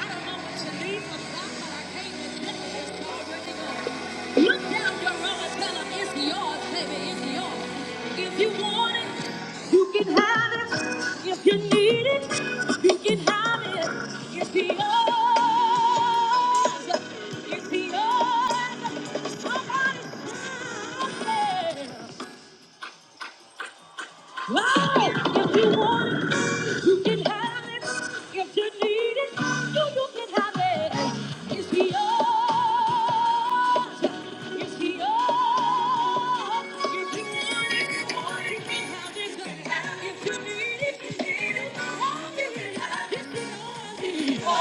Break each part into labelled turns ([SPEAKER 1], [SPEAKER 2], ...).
[SPEAKER 1] I don't know what you need from God, but I came to tell you it's already yours. down your row and tell them it's yours, baby, it's yours. If you want it, you can have it. If you need it, you can have it. It's yours. It's yours. Somebody shout, yeah. Wow! If you want it, you can have it. If you need it, you, you can have it. It's yours. It's yours. If you want it, want it, you can have it. If you need it, you need it. Oh, you can have it. It's yours. Oh,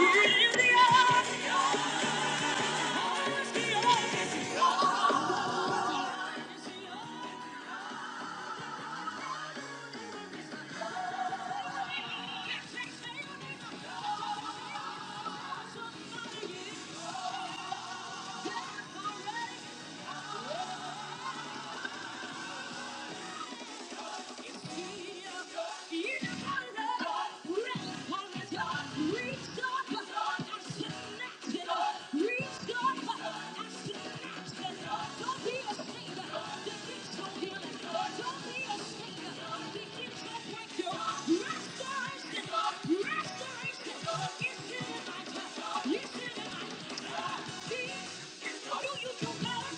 [SPEAKER 1] it is yours. Oh, it's yours. It's yours. It's yours. Somebody is dead already Restoration. Restoration. Do you know God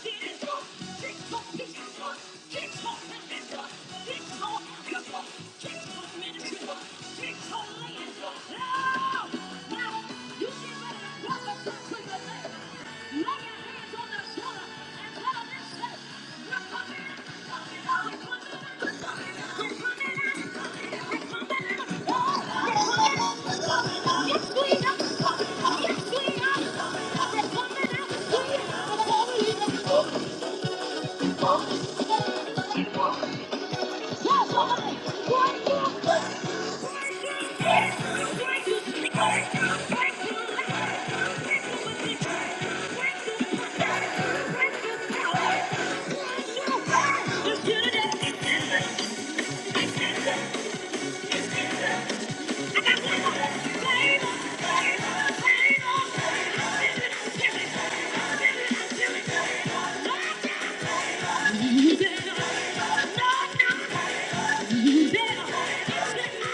[SPEAKER 1] did it? Six foot, six foot. Yes, we are. Yes, we are. Thank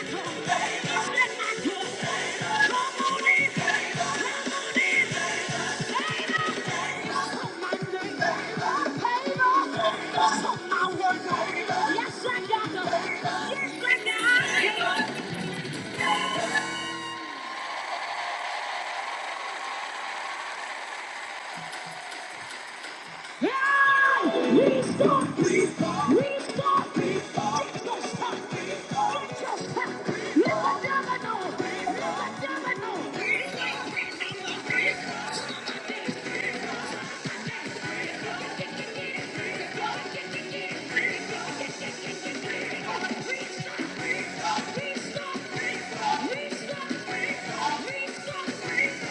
[SPEAKER 1] you. We stop, please stop, please stop, please stop, please stop.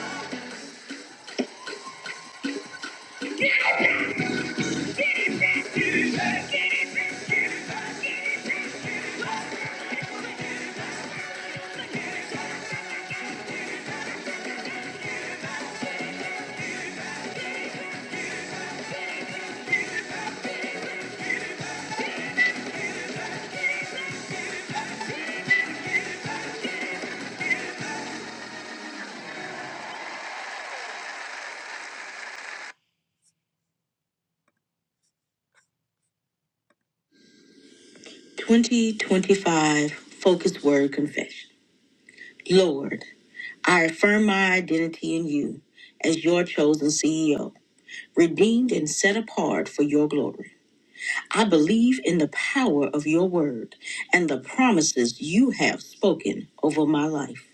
[SPEAKER 1] 2025 Focus Word Confession. Lord, I affirm my identity in you as your chosen CEO, redeemed and set apart for your glory. I believe in the power of your word and the promises you have spoken over my life.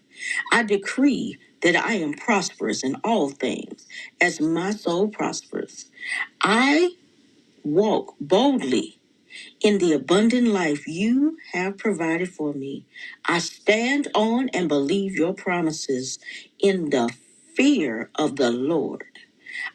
[SPEAKER 1] I decree that I am prosperous in all things as my soul prospers. I walk boldly in the abundant life you have provided for me. I stand on and believe your promises in the fear of the Lord.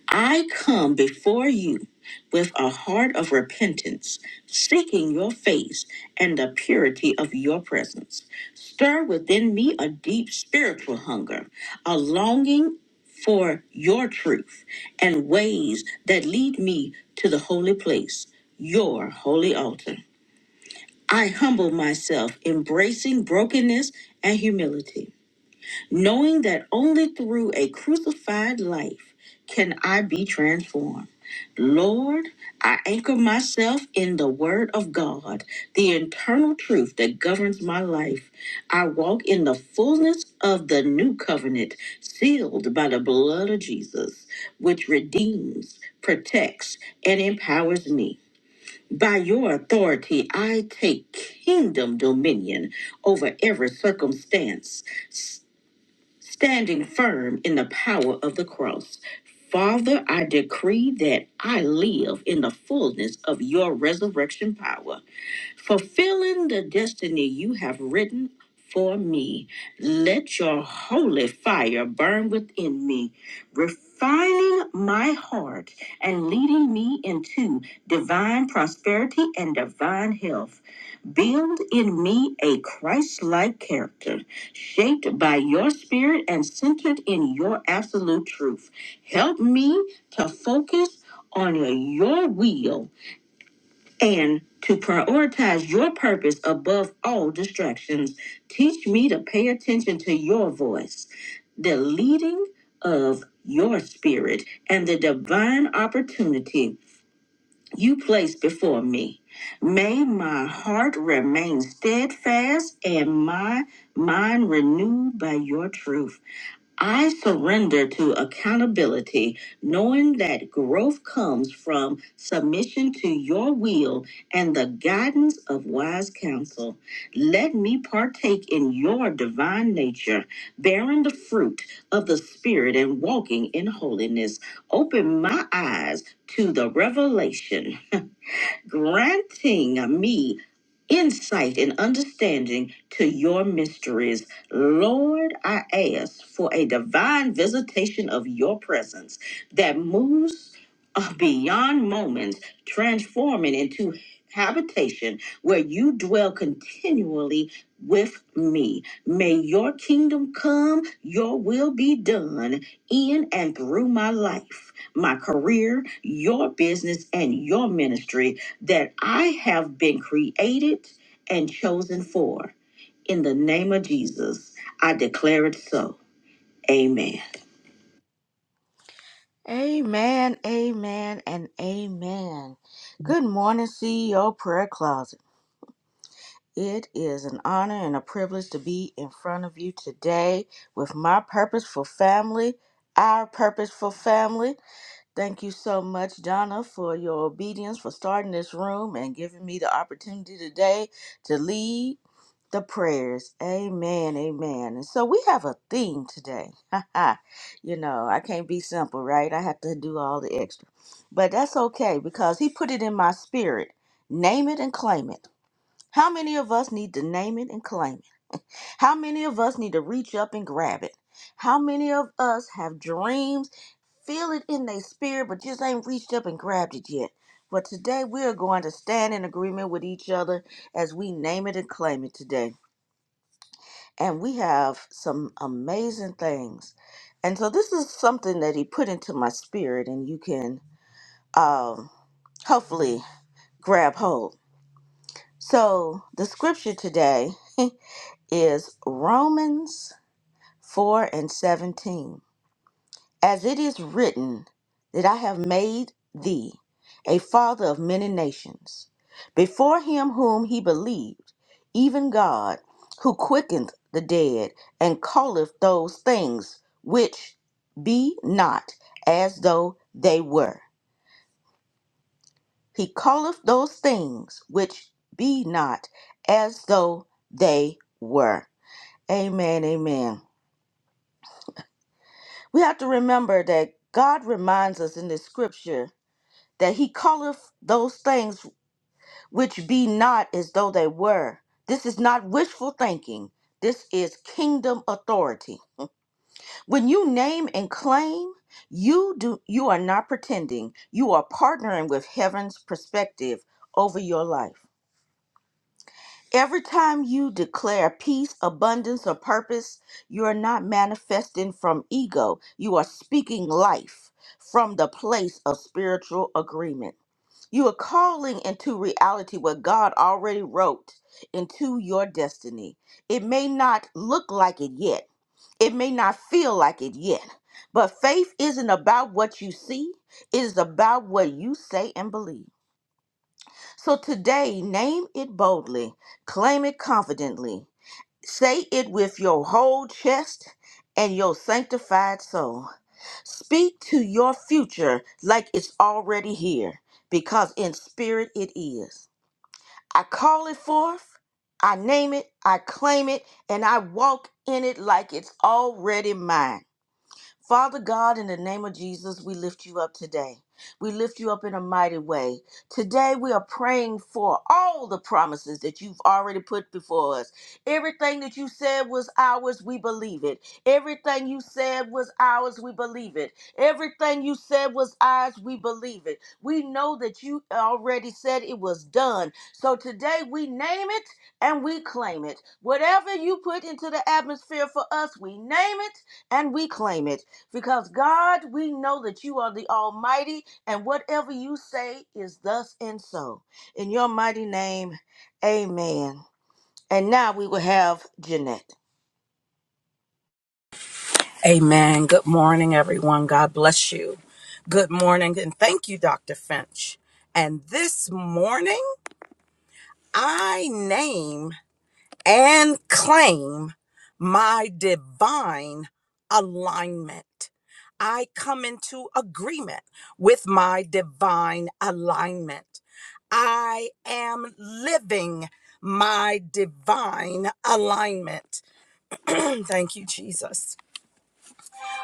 [SPEAKER 1] I come before you with a heart of repentance, seeking your face and the purity of your presence. Stir within me a deep spiritual hunger, a longing for your truth and ways that lead me to the holy place, your holy altar. I humble myself, embracing brokenness and humility, knowing that only through a crucified life can I be transformed. Lord, I anchor myself in the Word of God, the internal truth that governs my life. I walk in the fullness of the new covenant, sealed by the blood of Jesus, which redeems, protects, and empowers me. By your authority, I take kingdom dominion over every circumstance, s- standing firm in the power of the cross. Father, I decree that I live in the fullness of your resurrection power fulfilling the destiny you have written for me. Let your holy fire burn within me, refining my heart and leading me into divine prosperity and divine health. Build in me a Christ like character, shaped by your spirit and centered in your absolute truth. Help me to focus on your will and to prioritize your purpose above all distractions. Teach me to pay attention to your voice, the leading of your spirit, and the divine opportunity you place before me. May my heart remain steadfast and my mind renewed by your truth. I surrender to accountability, knowing that growth comes from submission to your will and the guidance of wise counsel. Let me partake in your divine nature, bearing the fruit of the Spirit and walking in holiness. Open my eyes to the revelation granting me insight and understanding to your mysteries. Lord, I ask for a divine visitation of your presence that moves uh, beyond moments, transforming into habitation where you dwell continually with me. May your kingdom come, your will be done in and through my life, my career, your business, and your ministry that I have been created and chosen for. In the name of Jesus, I declare it so. Amen. Amen, amen, and amen. Good morning, CEO Prayer Closet. It is an honor and a privilege to be in front of you today with my purposeful family, our purposeful family. Thank you so much, Donna, for your obedience, for starting this room and giving me the opportunity today to lead the prayers. Amen, amen. And so we have a theme today. you know, I can't be simple, right? I have to do all the extra. But that's okay because He put it in my spirit. Name it and claim it. How many of us need to name it and claim it? How many of us need to reach up and grab it? How many of us have dreams? Feel it in their spirit, but just ain't reached up and grabbed it yet. But today we're going to stand in agreement with each other as we name it and claim it today. And we have some amazing things. And so this is something that he put into my spirit, and you can um, hopefully grab hold. So the scripture today is Romans 4 and 17. As it is written, that I have made thee a father of many nations, before him whom he believed, even God, who quickeneth the dead and calleth those things which be not as though they were. He calleth those things which be not as though they were. Amen, amen. We have to remember that God reminds us in the scripture that he calleth those things which be not as though they were. This is not wishful thinking. This is kingdom authority. When you name and claim, you do you are not pretending. You are partnering with heaven's perspective over your life. Every time you declare peace, abundance, or purpose, you are not manifesting from ego. You are speaking life from the place of spiritual agreement. You are calling into reality what God already wrote into your destiny. It may not look like it yet, it may not feel like it yet, but faith isn't about what you see, it is about what you say and believe. So today, name it boldly, claim it confidently, say it with your whole chest and your sanctified soul. Speak to your future like it's already here, because in spirit it is. I call it forth, I name it, I claim it, and I walk in it like it's already mine. Father God, in the name of Jesus, we lift you up today. We lift you up in a mighty way. Today, we are praying for all the promises that you've already put before us. Everything that you said was ours, we believe it. Everything you said was ours, we believe it. Everything you said was ours, we believe it. We know that you already said it was done. So today, we name it and we claim it. Whatever you put into the atmosphere for us, we name it and we claim it. Because God, we know that you are the Almighty, and whatever you say is thus and so. In your mighty name, amen. And now we will have Jeanette.
[SPEAKER 2] Amen. Good morning, everyone. God bless you. Good morning, and thank you, Dr. Finch. And this morning, I name and claim my divine alignment. I come into agreement with my divine alignment. I am living my divine alignment. Thank you, Jesus.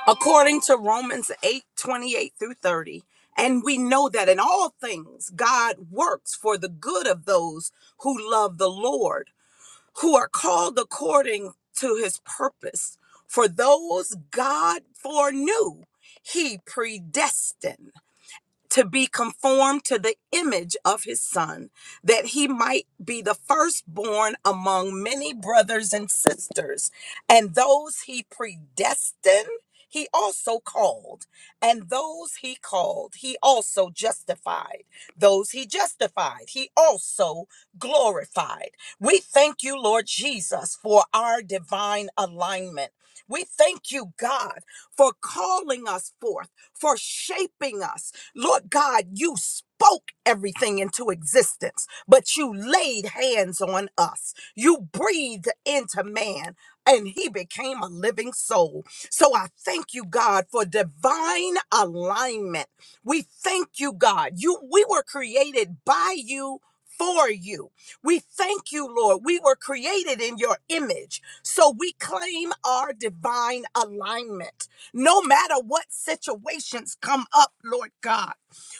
[SPEAKER 2] according to Romans 8 28 through 30. And we know that in all things, God works for the good of those who love the Lord, who are called according to his purpose. For those God foreknew, he predestined to be conformed to the image of his son, that he might be the firstborn among many brothers and sisters. And those he predestined, he also called. And those he called, he also justified. Those he justified, he also glorified. We thank you, Lord Jesus, for our divine alignment. We thank you, God, for calling us forth, for shaping us, Lord God, you spoke everything into existence, but you laid hands on us. You breathed into man, and he became a living soul. So I thank you, God, for divine alignment. We thank you, God. You we were created by you. For you. We thank you, Lord. We were created in your image. So we claim our divine alignment no matter what situations come up, Lord God.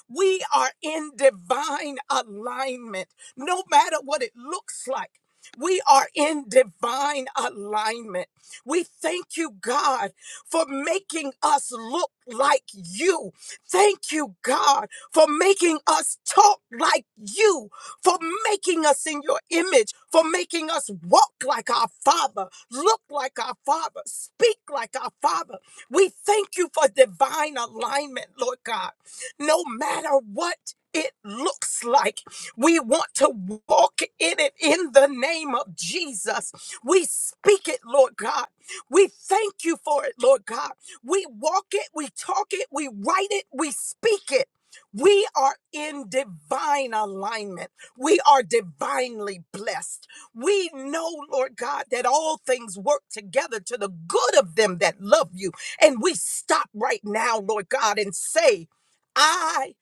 [SPEAKER 2] We are in divine alignment, no matter what it looks like. We are in divine alignment. We thank you, God, for making us look like you. Thank you, God, for making us talk like you, for making us in your image, for making us walk like our Father, look like our Father, speak like our Father. We thank you for divine alignment, Lord God. No matter what it looks like, we want to walk in it in the name of Jesus. We speak it, Lord God. We thank you for it, Lord God. We walk it, we talk it, we write it, we speak it. We are in divine alignment. We are divinely blessed. We know, Lord God, that all things work together to the good of them that love you and we stop right now, Lord God, and say, I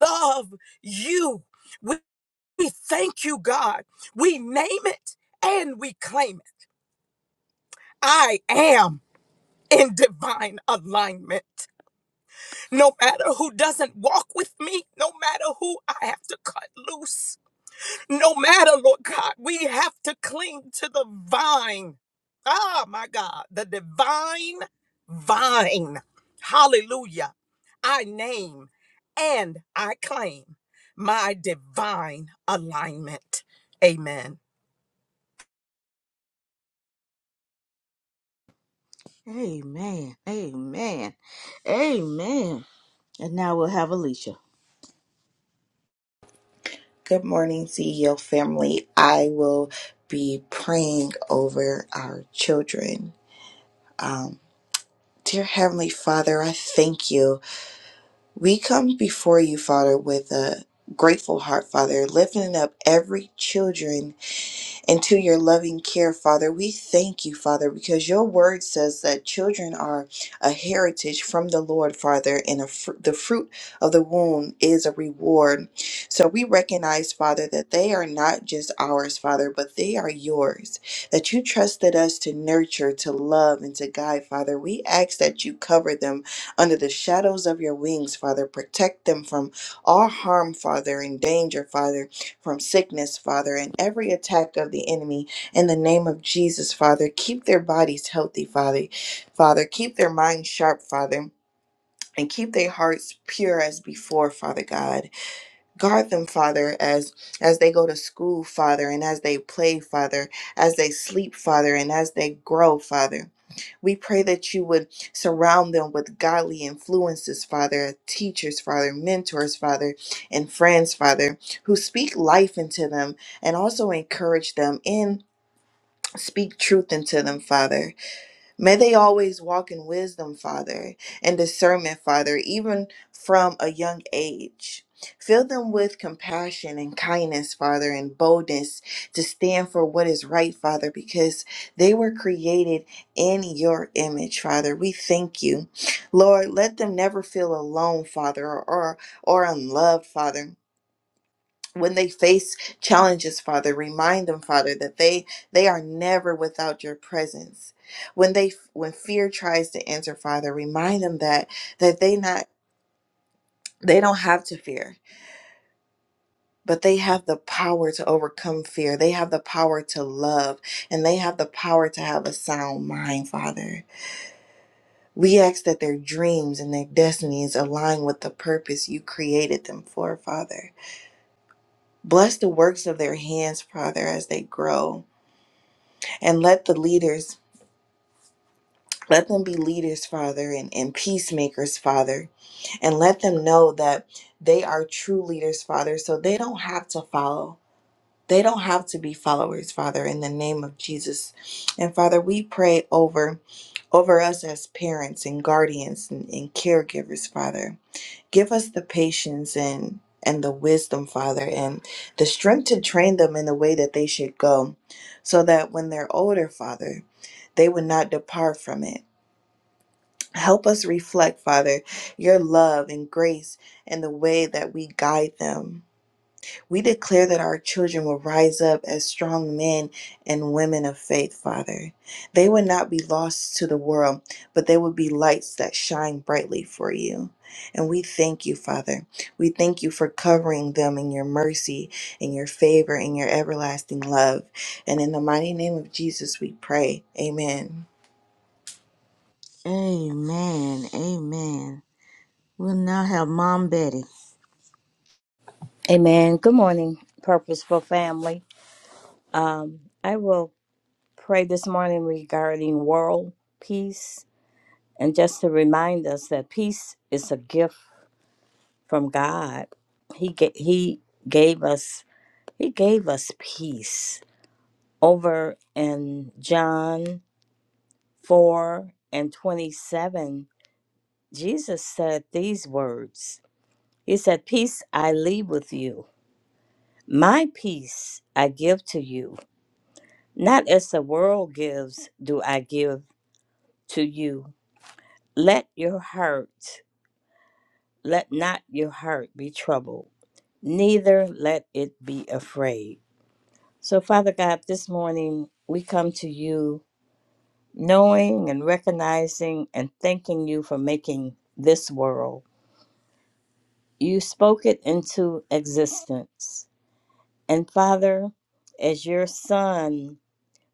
[SPEAKER 2] love you. We, we thank you, God. We name it and we claim it. I am in divine alignment. No matter who doesn't walk with me, no matter who I have to cut loose, No matter, Lord God, we have to cling to the vine. Ah, my God, the divine vine. Hallelujah. I name and I claim my divine alignment. Amen.
[SPEAKER 1] Amen. Amen. Amen. And now we'll have Alicia.
[SPEAKER 3] Good morning, CEO family. I will be praying over our children. Um, dear Heavenly Father, I thank you. We come before you, Father, with a grateful heart, Father, lifting up every children and to your loving care, Father. We thank you, Father, because your word says that children are a heritage from the Lord, Father, and a fr- the fruit of the womb is a reward. So we recognize, Father, that they are not just ours, Father, but they are yours, that you trusted us to nurture, to love, and to guide, Father. We ask that you cover them under the shadows of your wings, Father. Protect them from all harm, Father, and danger, Father from sickness, Father, and every attack of the enemy in the name of Jesus, Father. Keep their bodies healthy, Father. Father, keep their minds sharp, Father. And keep their hearts pure as before, Father God. Guard them, Father, as as they go to school, Father, and as they play, Father, as they sleep, Father, and as they grow, Father. We pray that you would surround them with godly influences, Father, teachers, Father, mentors, Father, and friends, Father, who speak life into them and also encourage them and speak truth into them, Father. May they always walk in wisdom, Father, and discernment, Father, even from a young age. Fill them with compassion and kindness, Father, and boldness to stand for what is right, Father, because they were created in your image, Father. We thank you. Lord, let them never feel alone, Father, or, or or unloved, Father when they face challenges father remind them father that they they are never without your presence when they when fear tries to enter father remind them that that they not they don't have to fear but they have the power to overcome fear they have the power to love and they have the power to have a sound mind father we ask that their dreams and their destinies align with the purpose you created them for father bless the works of their hands father as they grow And let the leaders, let them be leaders, Father, and, and peacemakers, Father. And let them know that they are true leaders, Father, so they don't have to follow. They don't have to be followers, Father, in the name of Jesus. And Father, we pray over over us as parents and guardians and, and caregivers, Father. Give us the patience and and the wisdom, Father, and the strength to train them in the way that they should go, so that when they're older, Father, they would not depart from it. Help us reflect, Father, your love and grace and the way that we guide them. We declare that our children will rise up as strong men and women of faith, Father. They would not be lost to the world, but they would be lights that shine brightly for you. And we thank you, Father. We thank you for covering them in your mercy, in your favor, in your everlasting love. And in the mighty name of Jesus, we pray. Amen.
[SPEAKER 1] Amen. Amen. We'll now have Mom Betty.
[SPEAKER 4] Amen. Good morning, purposeful family. Um, I will pray this morning regarding world peace and just to remind us that peace is a gift from God. He ga- he gave us he gave us peace. Over in John 4 and 27, Jesus said these words. He said, "Peace I leave with you. My peace I give to you." Not as the world gives, do I give to you. Let your heart, let not your heart be troubled, neither let it be afraid. So, Father God, this morning we come to you knowing and recognizing and thanking you for making this world. You spoke it into existence. And Father, as your son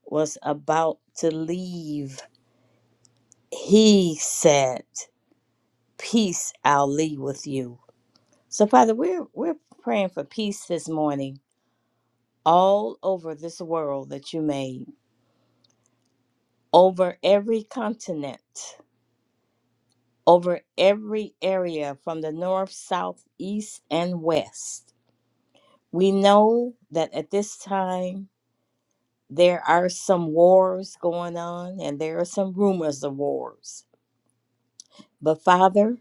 [SPEAKER 4] was about to leave, he said, peace I'll leave with you. So, Father, we're we're praying for peace this morning all over this world that you made, over every continent, over every area from the north, south, east, and west. We know that at this time there are some wars going on and there are some rumors of wars. But Father,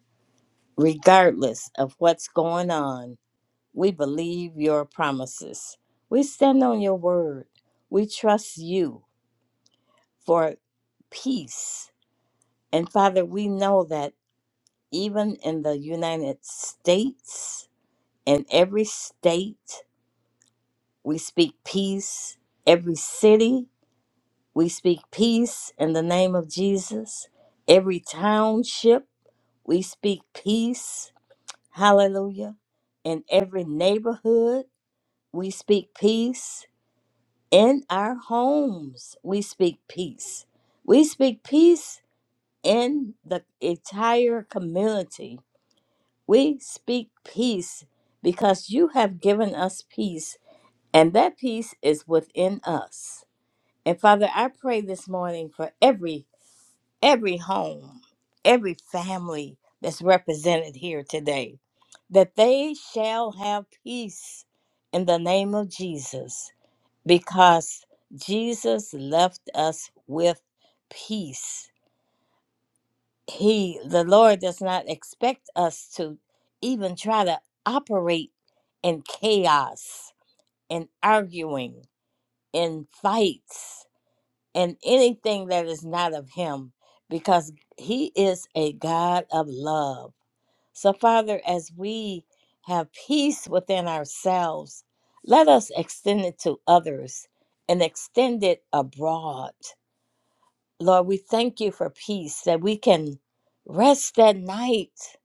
[SPEAKER 4] regardless of what's going on, We believe your promises. We stand on your word. We trust you for peace. And Father, we know that even in the United States, in every state, we speak peace. Every city, we speak peace in the name of Jesus. Every township, we speak peace. Hallelujah. In every neighborhood, we speak peace in our homes we speak peace we speak peace in the entire community we speak peace because you have given us peace and that peace is within us and father i pray this morning for every every home every family that's represented here today that they shall have peace in the name of jesus because Jesus left us with peace. He, the Lord, does not expect us to even try to operate in chaos, in arguing, in fights, in anything that is not of Him, because He is a God of love so, Father, as we have peace within ourselves, let us extend it to others and extend it abroad. Lord, we thank you for peace that we can rest at night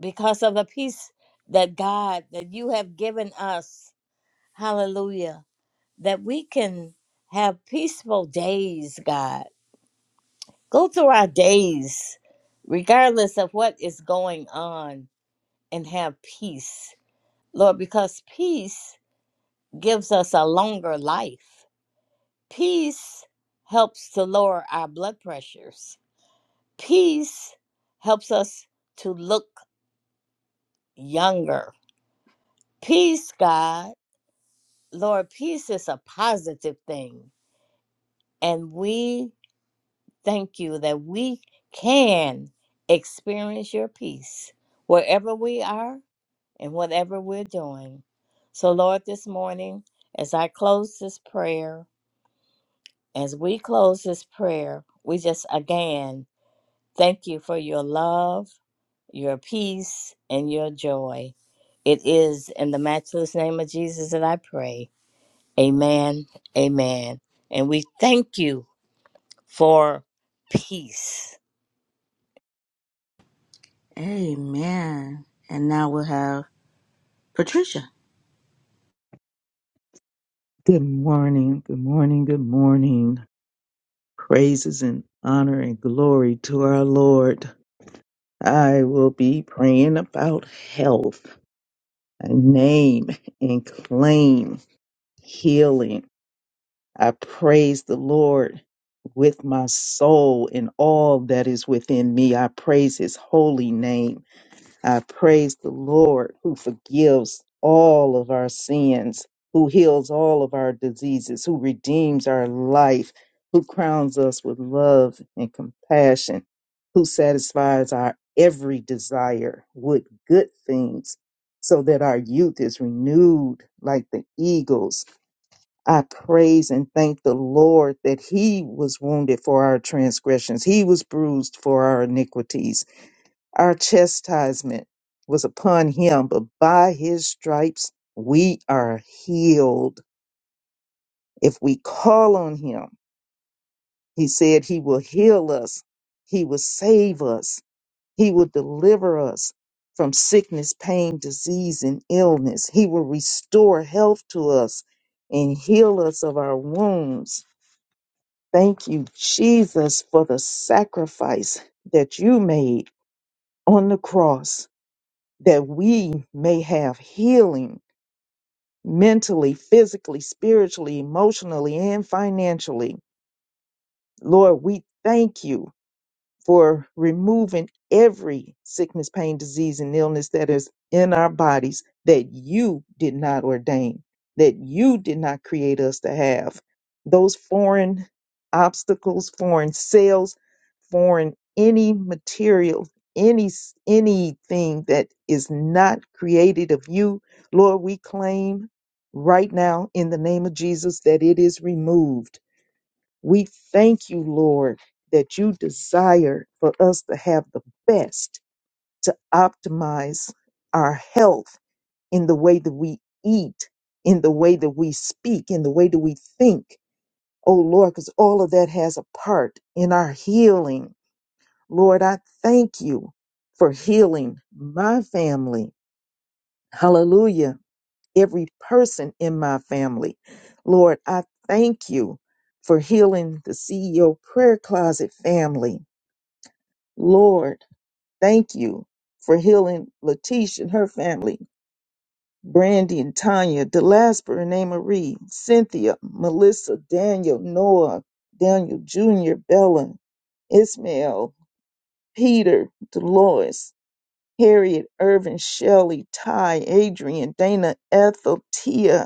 [SPEAKER 4] because of the peace that God, that you have given us. Hallelujah. That we can have peaceful days, God. Go through our days, regardless of what is going on, and have peace Lord, because peace gives us a longer life. Peace helps to lower our blood pressures. Peace helps us to look younger. Peace, God, Lord, peace is a positive thing. And we thank you that we can experience your peace wherever we are and whatever we're doing. So, Lord, this morning, as I close this prayer, As we close this prayer, we just again thank you for your love, your peace, and your joy. It is in the matchless name of Jesus that I pray. Amen. Amen. And we thank you for peace.
[SPEAKER 1] Amen. And now we'll have Patricia.
[SPEAKER 5] Good morning, good morning, good morning. Praises and honor and glory to our Lord. I will be praying about health. I name and claim healing. I praise the Lord with my soul and all that is within me. I praise his holy name. I praise the Lord who forgives all of our sins, who heals all of our diseases, who redeems our life, who crowns us with love and compassion, who satisfies our every desire with good things so that our youth is renewed like the eagles. I praise and thank the Lord that he was wounded for our transgressions. He was bruised for our iniquities our chastisement was upon him, but by his stripes we are healed. If we call on him, he said he will heal us, he will save us, he will deliver us from sickness, pain, disease, and illness. He will restore health to us and heal us of our wounds. Thank you, Jesus, for the sacrifice that you made on the cross that we may have healing mentally, physically, spiritually, emotionally, and financially. Lord, we thank you for removing every sickness, pain, disease, and illness that is in our bodies that you did not ordain, that you did not create us to have. Those foreign obstacles, foreign cells, foreign any material, any anything that is not created of you, Lord, we claim right now in the name of Jesus that it is removed we thank you, Lord, that you desire for us to have the best to optimize our health in the way that we eat, in the way that we speak, in the way that we think. Oh, Lord, because all of that has a part in our healing. Lord, I thank you for healing my family. Hallelujah every person in my family. Lord, I thank you for healing the CEO prayer closet family. Lord, thank you for healing Letitia and her family, Brandy and Tanya, Delasper and Amarie, Cynthia, Melissa, Daniel, Noah, Daniel Jr., Bella, Ismail, Peter, Dolores, Harriet, Irvin, Shelley, Ty, Adrian, Dana, Ethel, Tia,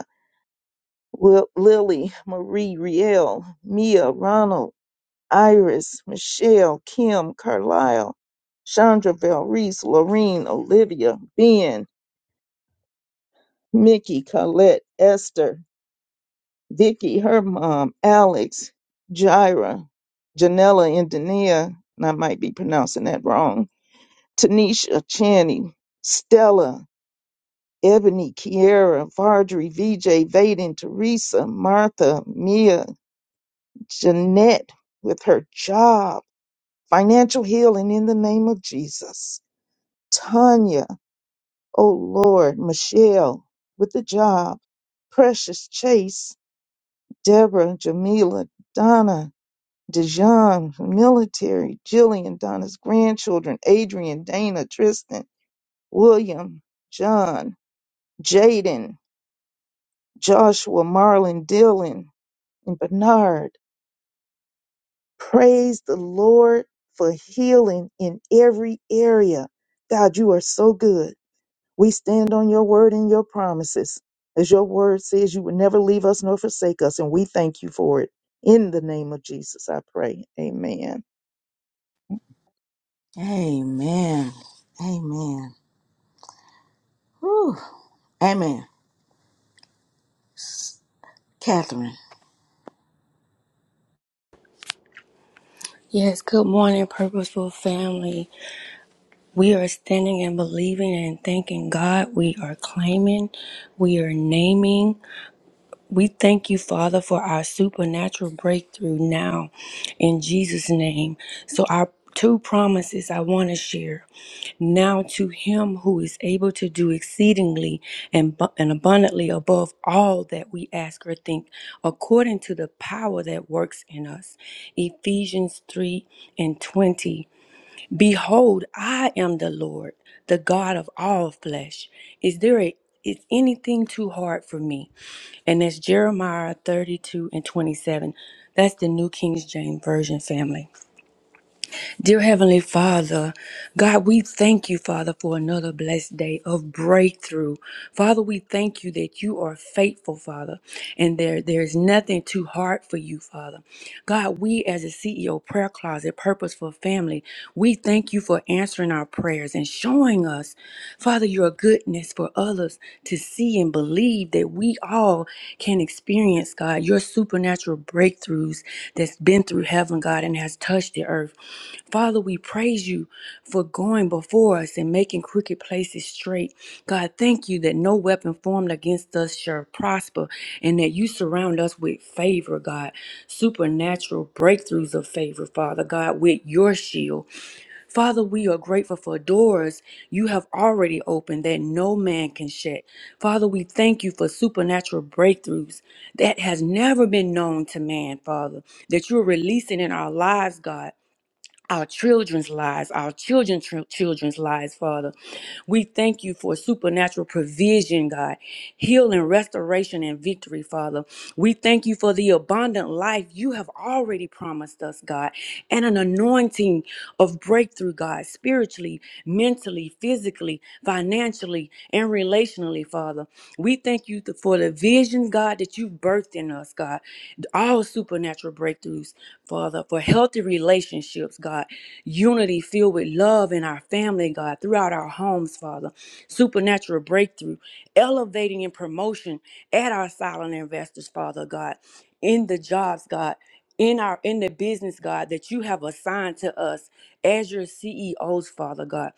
[SPEAKER 5] Wil- Lily, Marie, Riel, Mia, Ronald, Iris, Michelle, Kim, Carlisle, Chandra, Valrice, Lorene, Olivia, Ben, Mickey, Colette, Esther, Vicky, her mom, Alex, Jaira, Janella, and Dania, and I might be pronouncing that wrong, Tanisha, Channy, Stella, Ebony, Kiera, Vardry, VJ, Vaden, Teresa, Martha, Mia, Jeanette with her job, financial healing in the name of Jesus. Tanya, oh Lord, Michelle with the job. Precious Chase, Deborah, Jamila, Donna, Dijon, military, Jillian, Donna's grandchildren, Adrian, Dana, Tristan, William, John, Jaden, Joshua, Marlon, Dylan, and Bernard. Praise the Lord for healing in every area. God, you are so good. We stand on your word and your promises. As your word says, you will never leave us nor forsake us, and we thank you for it. In the name of Jesus, I pray. Amen.
[SPEAKER 1] Amen. Amen. Whew. Amen. Catherine.
[SPEAKER 6] Yes, good morning, Purposeful Family. We are standing and believing and thanking God. We are claiming, we are naming. We thank you, Father, for our supernatural breakthrough now in Jesus' name. So, our two promises I want to share now to Him who is able to do exceedingly and, bu- and abundantly above all that we ask or think, according to the power that works in us. Ephesians 3 and 20. Behold, I am the Lord, the God of all flesh. Is there a, is anything too hard for me? And that's Jeremiah 32 and 27. That's the New King James Version family. Dear Heavenly Father, God, we thank you, Father, for another blessed day of breakthrough. Father, we thank you that you are faithful, Father, and there, there is nothing too hard for you, Father. God, we as a CEO prayer closet, purposeful family, we thank you for answering our prayers and showing us, Father, your goodness for others to see and believe that we all can experience, God, your supernatural breakthroughs that's been through heaven, God, and has touched the earth. Father, we praise you for going before us and making crooked places straight. God, thank you that no weapon formed against us shall prosper and that you surround us with favor, God. Supernatural breakthroughs of favor, Father God, with your shield. Father, we are grateful for doors you have already opened that no man can shut. Father, we thank you for supernatural breakthroughs that has never been known to man, Father, that you're releasing in our lives, God our children's lives, our children's tr- children's lives, Father. We thank you for supernatural provision, God, healing, restoration, and victory, Father. We thank you for the abundant life you have already promised us, God, and an anointing of breakthrough, God, spiritually, mentally, physically, financially, and relationally, Father. We thank you th- for the vision, God, that you've birthed in us, God, all supernatural breakthroughs. Father, for healthy relationships, God, unity filled with love in our family, God, throughout our homes, Father, supernatural breakthrough, elevating and promotion at our silent investors, Father, God, in the jobs, God. In our in the business, God, that you have assigned to us as your CEOs, Father God.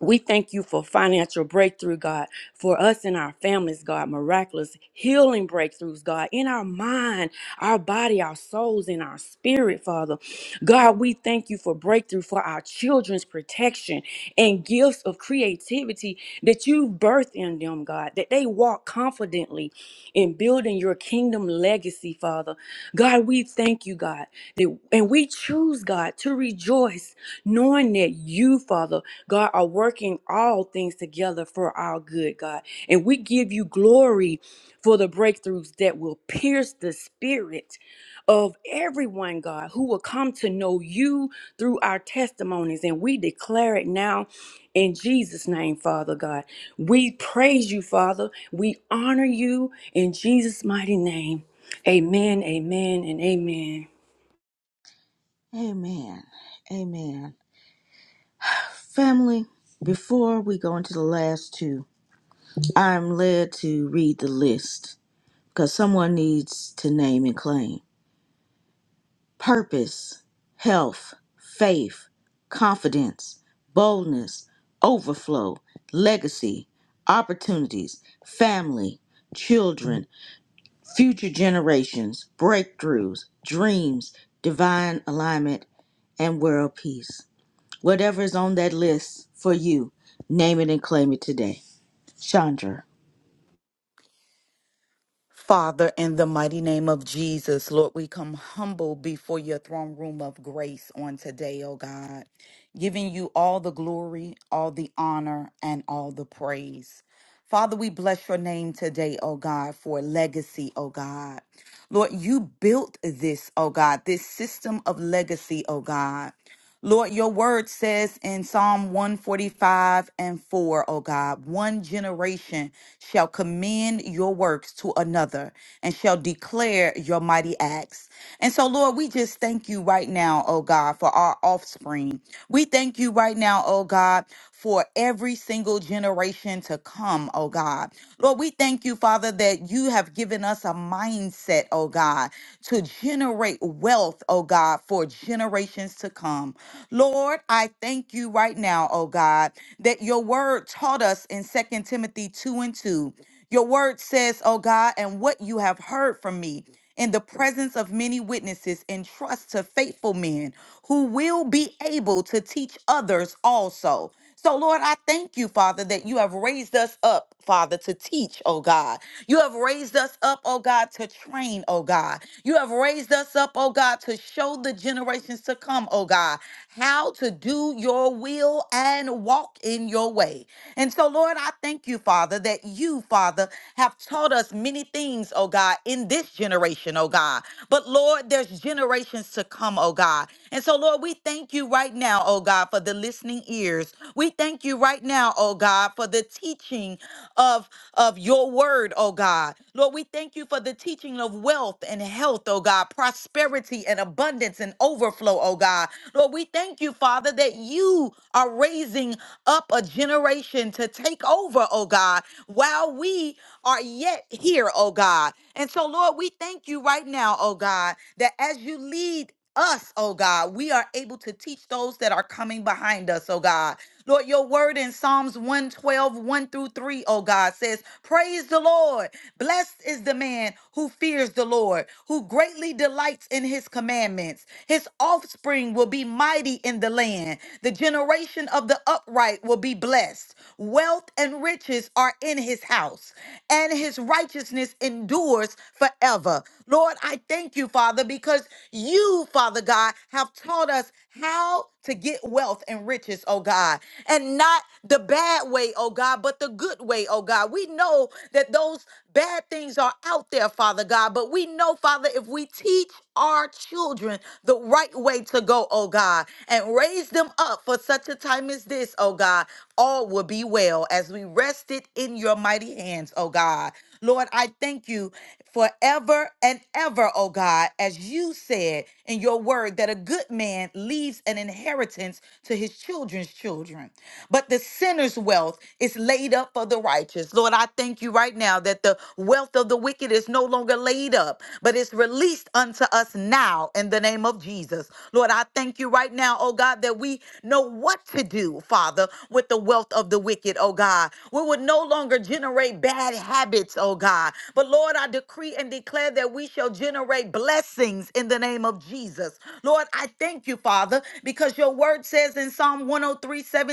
[SPEAKER 6] We thank you for financial breakthrough, God, for us and our families, God, miraculous healing breakthroughs, God, in our mind, our body, our souls, and our spirit, Father. God, we thank you for breakthrough for our children's protection and gifts of creativity that you've birthed in them, God, that they walk confidently in building your kingdom legacy, Father. God, we thank you, God, that, and we choose, God, to rejoice knowing that you, Father, God, are working all things together for our good, God. And we give you glory for the breakthroughs that will pierce the spirit of everyone, God, who will come to know you through our testimonies. And we declare it now in Jesus' name, Father God. We praise you, Father. We honor you in Jesus' mighty name. Amen, amen, and amen.
[SPEAKER 1] Amen. Amen. Family, before we go into the last two, I'm led to read the list because someone needs to name and claim purpose, health, faith, confidence, boldness, overflow, legacy, opportunities, family, children, future generations, breakthroughs, dreams, divine alignment, and world peace. Whatever is on that list for you, name it and claim it today. Chandra.
[SPEAKER 7] Father, in the mighty name of Jesus, Lord, we come humble before your throne room of grace on today, oh God, giving you all the glory, all the honor, and all the praise. Father, we bless your name today, oh God, for legacy, oh God. Lord, you built this, oh God, this system of legacy, oh God. Lord, your word says in Psalm 145 and 4, O God, one generation shall commend your works to another and shall declare your mighty acts. And so, Lord, we just thank you right now, O God, for our offspring. We thank you right now, O God, for every single generation to come, oh God. Lord, we thank you, Father, that you have given us a mindset, oh God, to generate wealth, oh God, for generations to come. Lord, I thank you right now, oh God, that your word taught us in Second Timothy 2 and 2. Your word says, oh God, and what you have heard from me in the presence of many witnesses, entrust to faithful men who will be able to teach others also. So, Lord, I thank you, Father, that you have raised us up, Father, to teach, oh God. You have raised us up, oh God, to train, oh God. You have raised us up, oh God, to show the generations to come, oh God, how to do your will and walk in your way. And so, Lord, I thank you, Father, that you, Father, have taught us many things, oh God, in this generation, oh God. But, Lord, there's generations generations to come, oh God. And so, Lord, we thank you right now, oh God, for the listening ears. We thank you right now, oh God, for the teaching of, of your word, oh God. Lord, we thank you for the teaching of wealth and health, oh God, prosperity and abundance and overflow, oh God. Lord, we thank you, Father, that you are raising up a generation to take over, oh God, while we are yet here, oh God. And so, Lord, we thank you right now, oh God, that as you lead us, oh God, we are able to teach those that are coming behind us, oh God. Lord, your word in Psalms one, twelve, one through 3, O God, says, Praise the Lord. Blessed is the man who fears the Lord, who greatly delights in his commandments. His offspring will be mighty in the land. The generation of the upright will be blessed. Wealth and riches are in his house, and his righteousness endures forever. Lord, I thank you, Father, because you, Father God, have taught us how to get wealth and riches, oh God, and not the bad way, oh God, but the good way, oh God. We know that those bad things are out there, Father God, but we know, Father, if we teach our children the right way to go, oh God, and raise them up for such a time as this, oh God, all will be well as we rest it in your mighty hand hands, oh God. Lord, I thank you forever and ever, oh God, as you said in your word that a good man leaves an inheritance to his children's children. But the sinner's wealth is laid up for the righteous. Lord, I thank you right now that the wealth of the wicked is no longer laid up, but it's released unto us now in the name of Jesus. Lord, I thank you right now, oh God, that we know what to do, Father, with the wealth of the wicked, oh God. We would no longer generate generate bad habits, oh God. But Lord, I decree and declare that we shall generate blessings in the name of Jesus. Lord, I thank you, Father, because your word says in Psalm 103 17.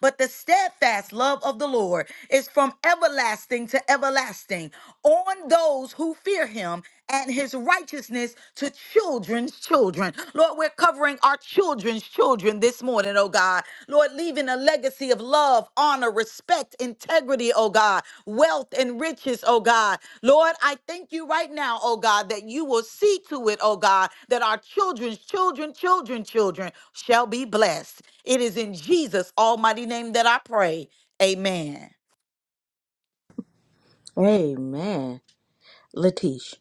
[SPEAKER 7] but the steadfast love of the Lord is from everlasting to everlasting on those who fear him and his righteousness to children's children. Lord, we're covering our children's children this morning, oh God. Lord, leaving a legacy of love, honor, respect, integrity, oh God wealth and riches, oh God. Lord, I thank you right now, oh God, that you will see to it, oh God, that our children's children, children, children shall be blessed. It is in Jesus' almighty name that I pray. Amen.
[SPEAKER 1] Amen. Latish.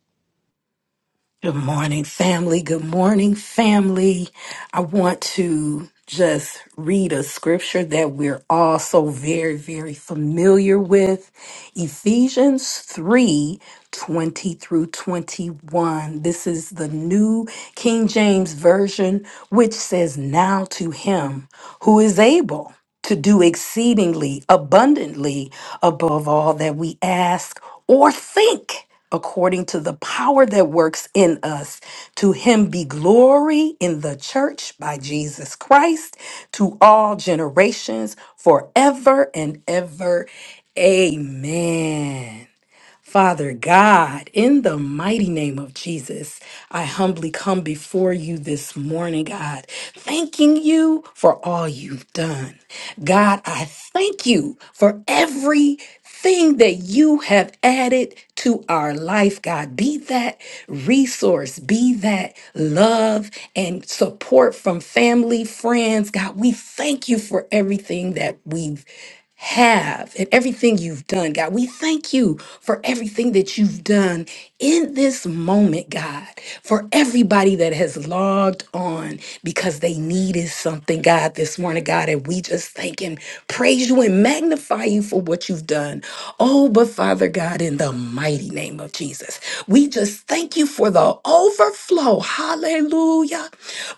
[SPEAKER 8] Good morning, family. Good morning, family. I want to just read a scripture that we're all so very, very familiar with Ephesians 3 20 through 21. This is the New King James Version, which says, Now to him who is able to do exceedingly abundantly above all that we ask or think according to the power that works in us. To him be glory in the church by Jesus Christ to all generations forever and ever. Amen. Father God, in the mighty name of Jesus, I humbly come before you this morning, God, thanking you for all you've done. God, I thank you for everything that you have added to our life, God. Be that resource, be that love and support from family, friends. God, we thank you for everything that we've have and everything you've done, God. We thank you for everything that you've done in this moment, God, for everybody that has logged on because they needed something, God, this morning, God. And we just thank and praise you and magnify you for what you've done. Oh, but Father God, in the mighty name of Jesus, we just thank you for the overflow. Hallelujah.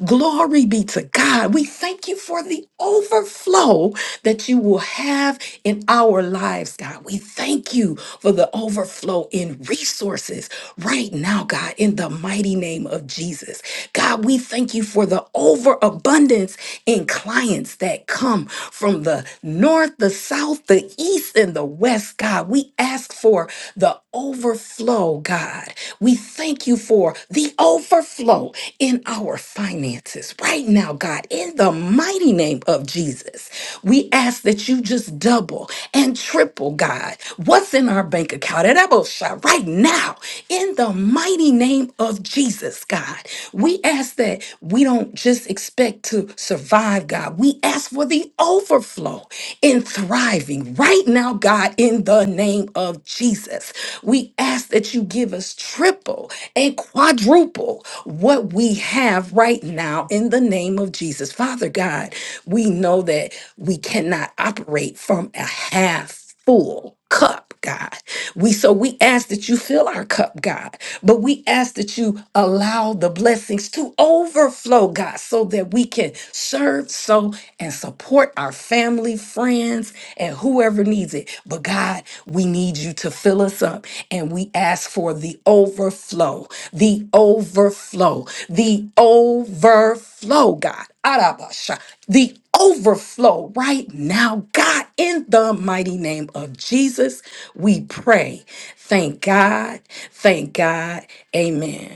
[SPEAKER 8] Glory Glory be to God. We thank you for the overflow that you will have in our lives, God. We thank you for the overflow in resources right now, God, in the mighty name of Jesus. God, we thank you for the overabundance in clients that come from the north, the south, the east, and the west, God. We ask for the overflow, God. We thank you for the overflow in our finances right now, God, in the mighty name of Jesus. We ask that you just double and triple, God, what's in our bank account at Ebosha right now, in the mighty name of Jesus, God. We ask that we don't just expect to survive, God. We ask for the overflow in thriving right now now, God, in the name of Jesus. We ask that you give us triple and quadruple what we have right now in the name of Jesus. Father God, we know that we cannot operate from a half full cup, God. We so we ask that you fill our cup, God, but we ask that you allow the blessings to overflow, God, so that we can serve, so and support our family, friends, and whoever needs it. But God, we need you to fill us up, and we ask for the overflow, the overflow, the overflow, God. Arabasha, the overflow right now. God, in the mighty name of Jesus, we pray. Thank God. Thank God. Amen.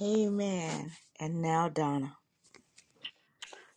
[SPEAKER 1] Amen. And now Donna.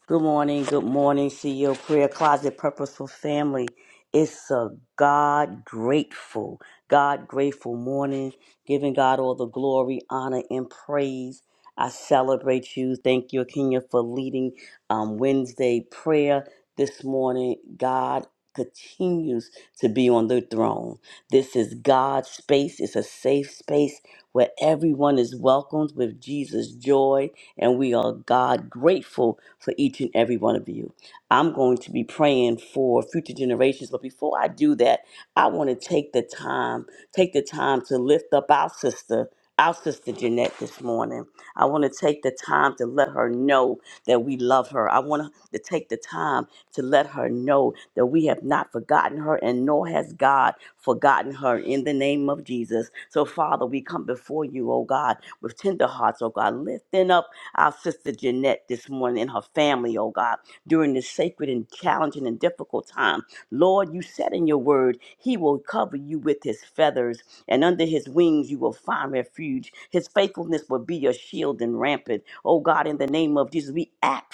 [SPEAKER 9] Good morning, good morning, CEO Prayer Closet Purposeful Family. It's a God grateful, God grateful morning, giving God all the glory, honor, and praise. I celebrate you. Thank you, Kenya, for leading um, Wednesday prayer this morning. God continues to be on the throne. This is God's space, it's a safe space where everyone is welcomed with Jesus' joy and we are, God, grateful for each and every one of you. I'm going to be praying for future generations. But before I do that, I want to take the time, take the time to lift up our sister. Our sister Jeanette this morning. I want to take the time to let her know that we love her. I want to take the time to let her know that we have not forgotten her and nor has God forgotten her in the name of Jesus. So, Father, we come before you, oh God, with tender hearts, oh God, lifting up our sister Jeanette this morning and her family, oh God, during this sacred and challenging and difficult time. Lord, you said in your word, He will cover you with His feathers and under his wings you will find refuge. His faithfulness will be your shield and rampant. Oh God, in the name of Jesus, we ask,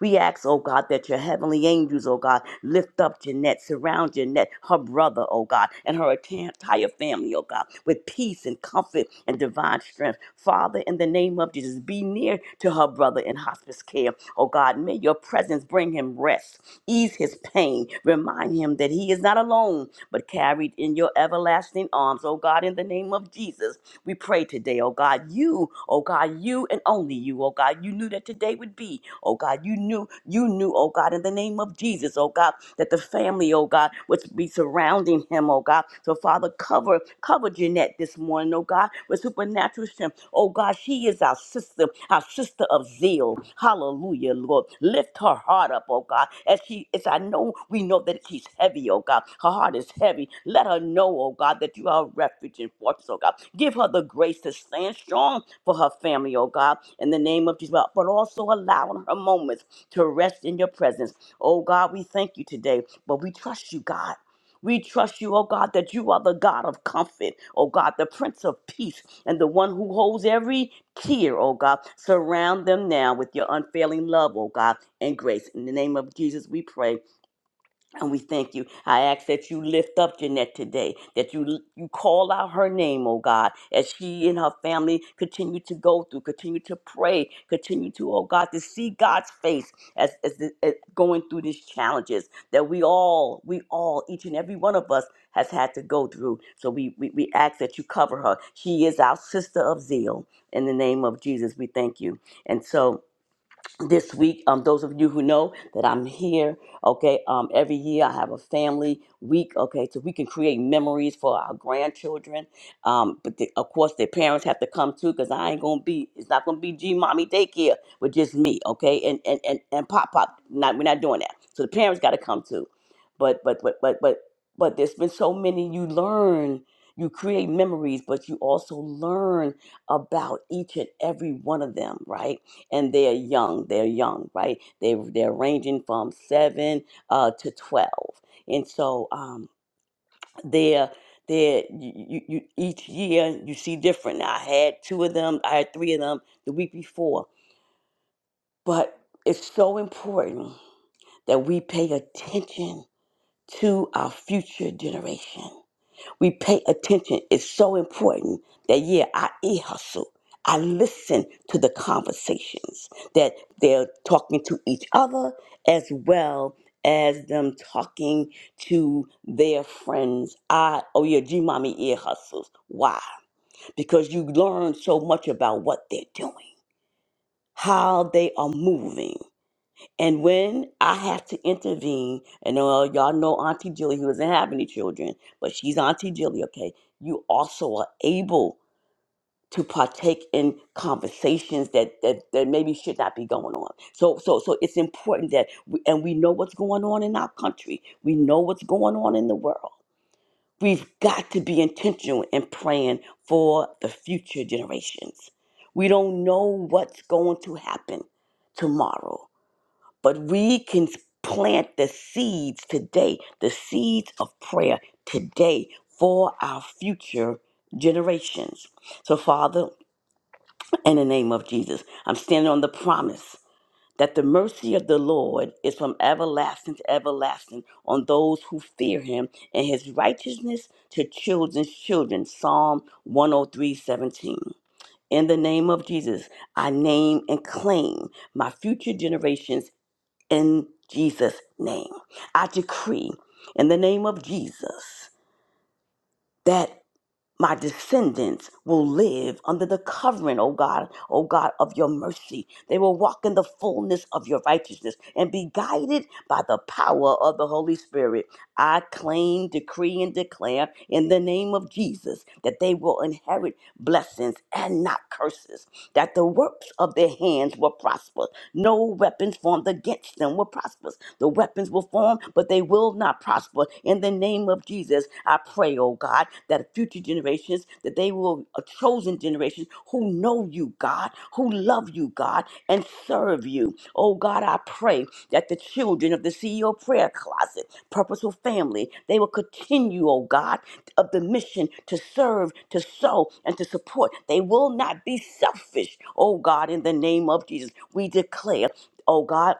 [SPEAKER 9] we ask, oh God, that your heavenly angels, oh God, lift up Jeanette, surround Jeanette, her brother, oh God, and her entire family, oh God, with peace and comfort and divine strength. Father, in the name of Jesus, be near to her brother in hospice care, oh God. May your presence bring him rest, ease his pain, remind him that he is not alone but carried in your everlasting arms. Oh God, in the name of Jesus, we pray today, oh God, you, oh God, you and only you, oh God, you knew that today would be, oh God, you knew, you knew, oh God, in the name of Jesus, oh God, that the family, oh God, would be surrounding him, oh God. So Father, cover, cover Jeanette this morning, oh God, with supernatural strength. Oh God, she is our sister sister, our sister of zeal. Hallelujah, Lord. Lift her heart up, oh God. As she as I know we know that she's heavy, oh God. Her heart is heavy. Let her know, oh God, that you are a refuge and fortress, oh God. Give her the grace to stand strong for her family, oh God, in the name of Jesus. But also allowing her moments to rest in your presence. Oh God, we thank you today, but we trust you, God. We trust you, oh God, that you are the God of comfort, oh God, the Prince of Peace, and the one who holds every tear, oh God. Surround them now with your unfailing love, oh God, and grace. In the name of Jesus, we pray. And we thank you. I ask that you lift up Jeanette today, that you you call out her name, oh God, as she and her family continue to go through, continue to pray, continue to, oh God, to see God's face as, as, the- as going through these challenges that we all, we all, each and every one of us has had to go through. So we, we, we ask that you cover her. She is our sister of zeal. In the name of Jesus, we thank you. And so, this week um those of you who know that i'm here okay um every year i have a family week okay so we can create memories for our grandchildren um but the, of course their parents have to come too because i ain't gonna be it's not gonna be g mommy daycare with just me okay and and and, and pop pop not we're not doing that so the parents got to come too but but but but but but there's been so many you learn you create memories but you also learn about each and every one of them right and they're young. They're young, right? They they're ranging from seven uh, to twelve, and so um, they're they're you, you, you each year you see different. I had two of them. I had three of them the week before, but it's so important that we pay attention to our future generation we pay attention It's so important that yeah i e-hustle i listen to the conversations that they're talking to each other as well as them talking to their friends i oh yeah g mommy ear hustles why because you learn so much about what they're doing how they are moving and when I have to intervene, and uh, y'all know Auntie Jilly, who doesn't have any children, but she's Auntie Jilly, okay? You also are able to partake in conversations that, that that maybe should not be going on. So so so it's important that we, and we know what's going on in our country. We know what's going on in the world. We've got to be intentional in praying for the future generations. We don't know what's going to happen tomorrow but we can plant the seeds today, the seeds of prayer today for our future generations. So, Father, in the name of Jesus, I'm standing on the promise that the mercy of the Lord is from everlasting to everlasting on those who fear him and his righteousness to children's children. Psalm 103:17. In the name of Jesus, I name and claim my future generations in Jesus' name. I decree in the name of Jesus that my descendants will live under the covering, O God, O God, of your mercy. They will walk in the fullness of your righteousness and be guided by the power of the Holy Spirit. I claim, decree, and declare in the name of Jesus that they will inherit blessings and not curses, that the works of their hands will prosper. No weapons formed against them will prosper. The weapons will form, but they will not prosper. In the name of Jesus, I pray, oh God, that future generations, that they will a chosen generation who know you, God, who love you, God, and serve you. Oh God, I pray that the children of the CEO prayer closet, purposeful family, they will continue, oh God, of the mission to serve, to sow, and to support. They will not be selfish, oh God, in the name of Jesus. We declare, oh God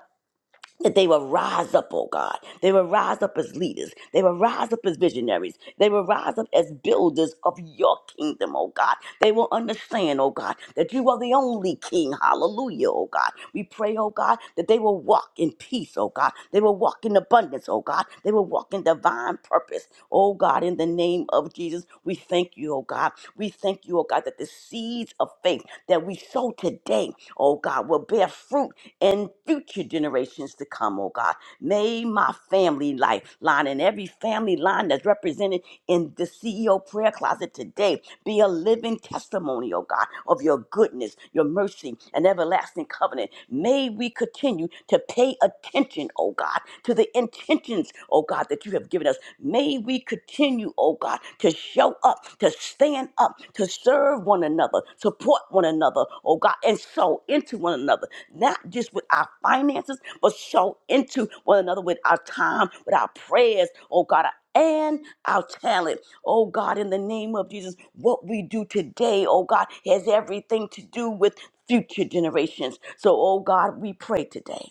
[SPEAKER 9] that they will rise up, oh God. They will rise up as leaders. They will rise up as visionaries. They will rise up as builders of your kingdom, oh God. They will understand, oh God, that you are the only king. Hallelujah, oh God. We pray, oh God, that they will walk in peace, oh God. They will walk in abundance, oh God. They will walk in divine purpose, oh God. In the name of Jesus, we thank you, oh God. We thank you, oh God, that the seeds of faith that we sow today, oh God, will bear fruit and future generations to come, oh God. May my family life line and every family line that's represented in the CEO prayer closet today be a living testimony, oh God, of your goodness, your mercy, and everlasting covenant. May we continue to pay attention, oh God, to the intentions, oh God, that you have given us. May we continue, oh God, to show up, to stand up, to serve one another, support one another, oh God, and sow into one another, not just with our finances, but sow into one another with our time, with our prayers, oh God, and our talent. Oh God, in the name of Jesus, what we do today, oh God, has everything to do with future generations. So, oh God, we pray today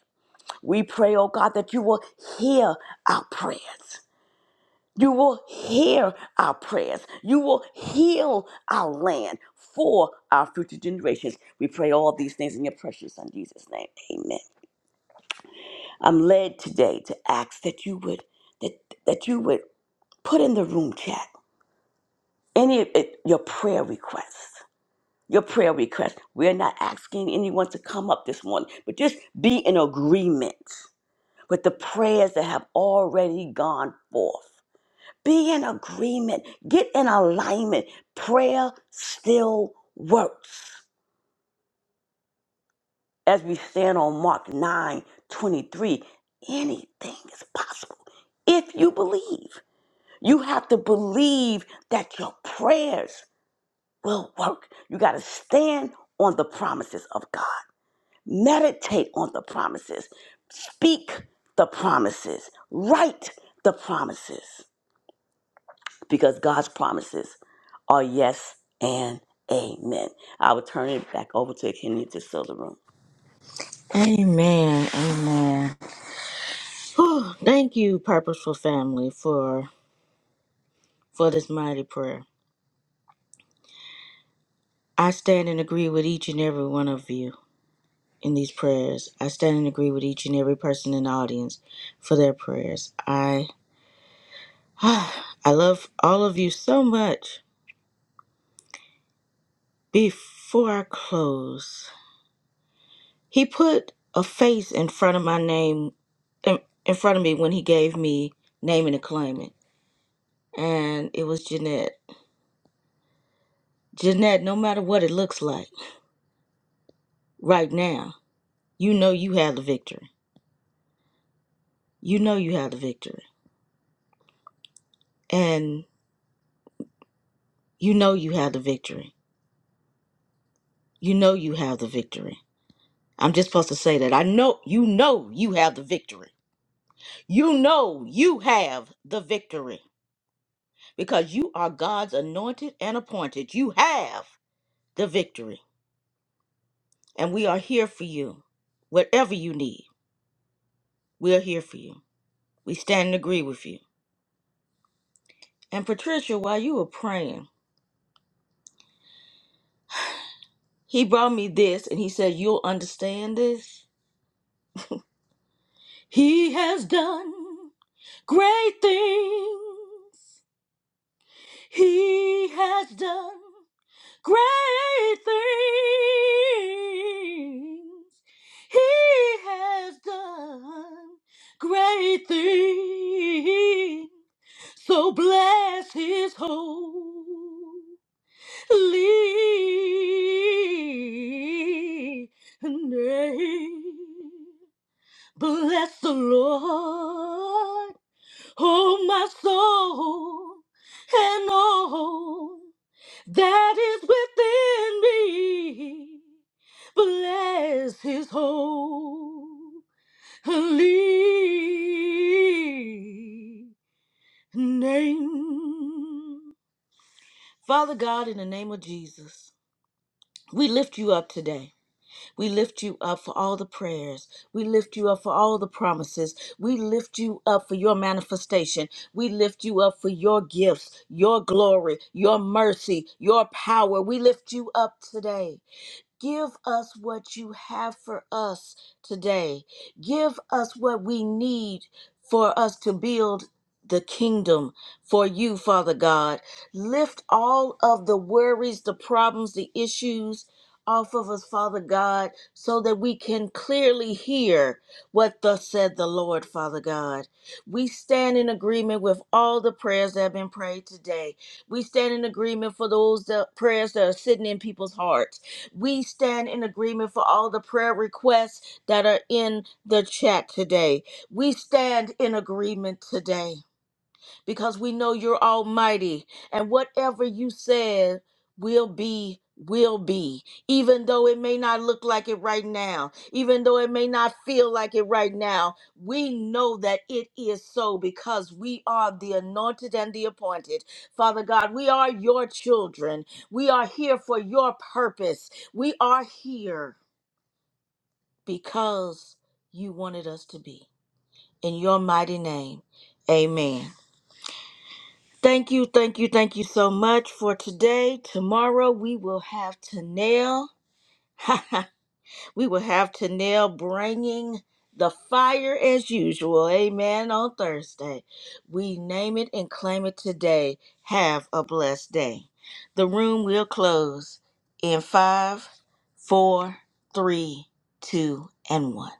[SPEAKER 9] we pray, oh God, that you will hear our prayers. You will hear our prayers. You will heal our land for our future generations. We pray all these things in your precious son Jesus' name. Amen. I'm led today to ask that you would that that you would put in the room chat any of it, your prayer requests. Your prayer requests. We're not asking anyone to come up this morning, but just be in agreement with the prayers that have already gone forth. Be in agreement, get in alignment. Prayer still works. As we stand on Mark 9 23, anything is possible if you believe. You have to believe that your prayers will work. You got to stand on the promises of God, meditate on the promises, speak the promises, write the promises. because God's promises are yes and amen. I will turn it back over to Kenya to seal the room.
[SPEAKER 1] Amen. Amen. Whew. Thank you, Purposeful Family, for for this mighty prayer. I stand and agree with each and every one of you in these prayers. I stand and agree with each and every person in the audience for their prayers. I I love all of you so much. Before I close, He put a face in front of my name, in, in front of me when he gave me naming and claiming. And it was Jeanette. Jeanette, no matter what it looks like right now, you know you have the victory. You know you have the victory. And you know you have the victory. You know you have the victory. I'm just supposed to say that. I know you know you have the victory. You know you have the victory because you are God's anointed and appointed. You have the victory. and we are here for you. Whatever you need, we are here for you. We stand and agree with you. And Patricia, while you were praying, he brought me this and he said, You'll understand this. He has done great things. He has done great things. He has done great things. So bless his holy name. Bless the Lord, oh my soul, and all that is within me. Bless his holy name. Father God, in the name of Jesus, we lift you up today. We lift you up for all the prayers. We lift you up for all the promises. We lift you up for your manifestation. We lift you up for your gifts, your glory, your mercy, your power. We lift you up today. Give us what you have for us today. Give us what we need for us to build the kingdom for you, Father God. Lift all of the worries, the problems, the issues off of us, Father God, so that we can clearly hear what thus said the Lord, Father God. We stand in agreement with all the prayers that have been prayed today. We stand in agreement for those that prayers that are sitting in people's hearts. We stand in agreement for all the prayer requests that are in the chat today. We stand in agreement today because we know you're almighty and whatever you said will be will be even though it may not look like it right now even though it may not feel like it right now we know that it is so because we are the anointed and the appointed father god we are your children we are here for your purpose we are here because you wanted us to be in your mighty name amen Thank you, thank you, thank you so much for today. Tomorrow we will have Tanel. we will have Tanel bringing the fire as usual. Amen. On Thursday, we name it and claim it today. Have a blessed day. The room will close in five, four, three, two, and one.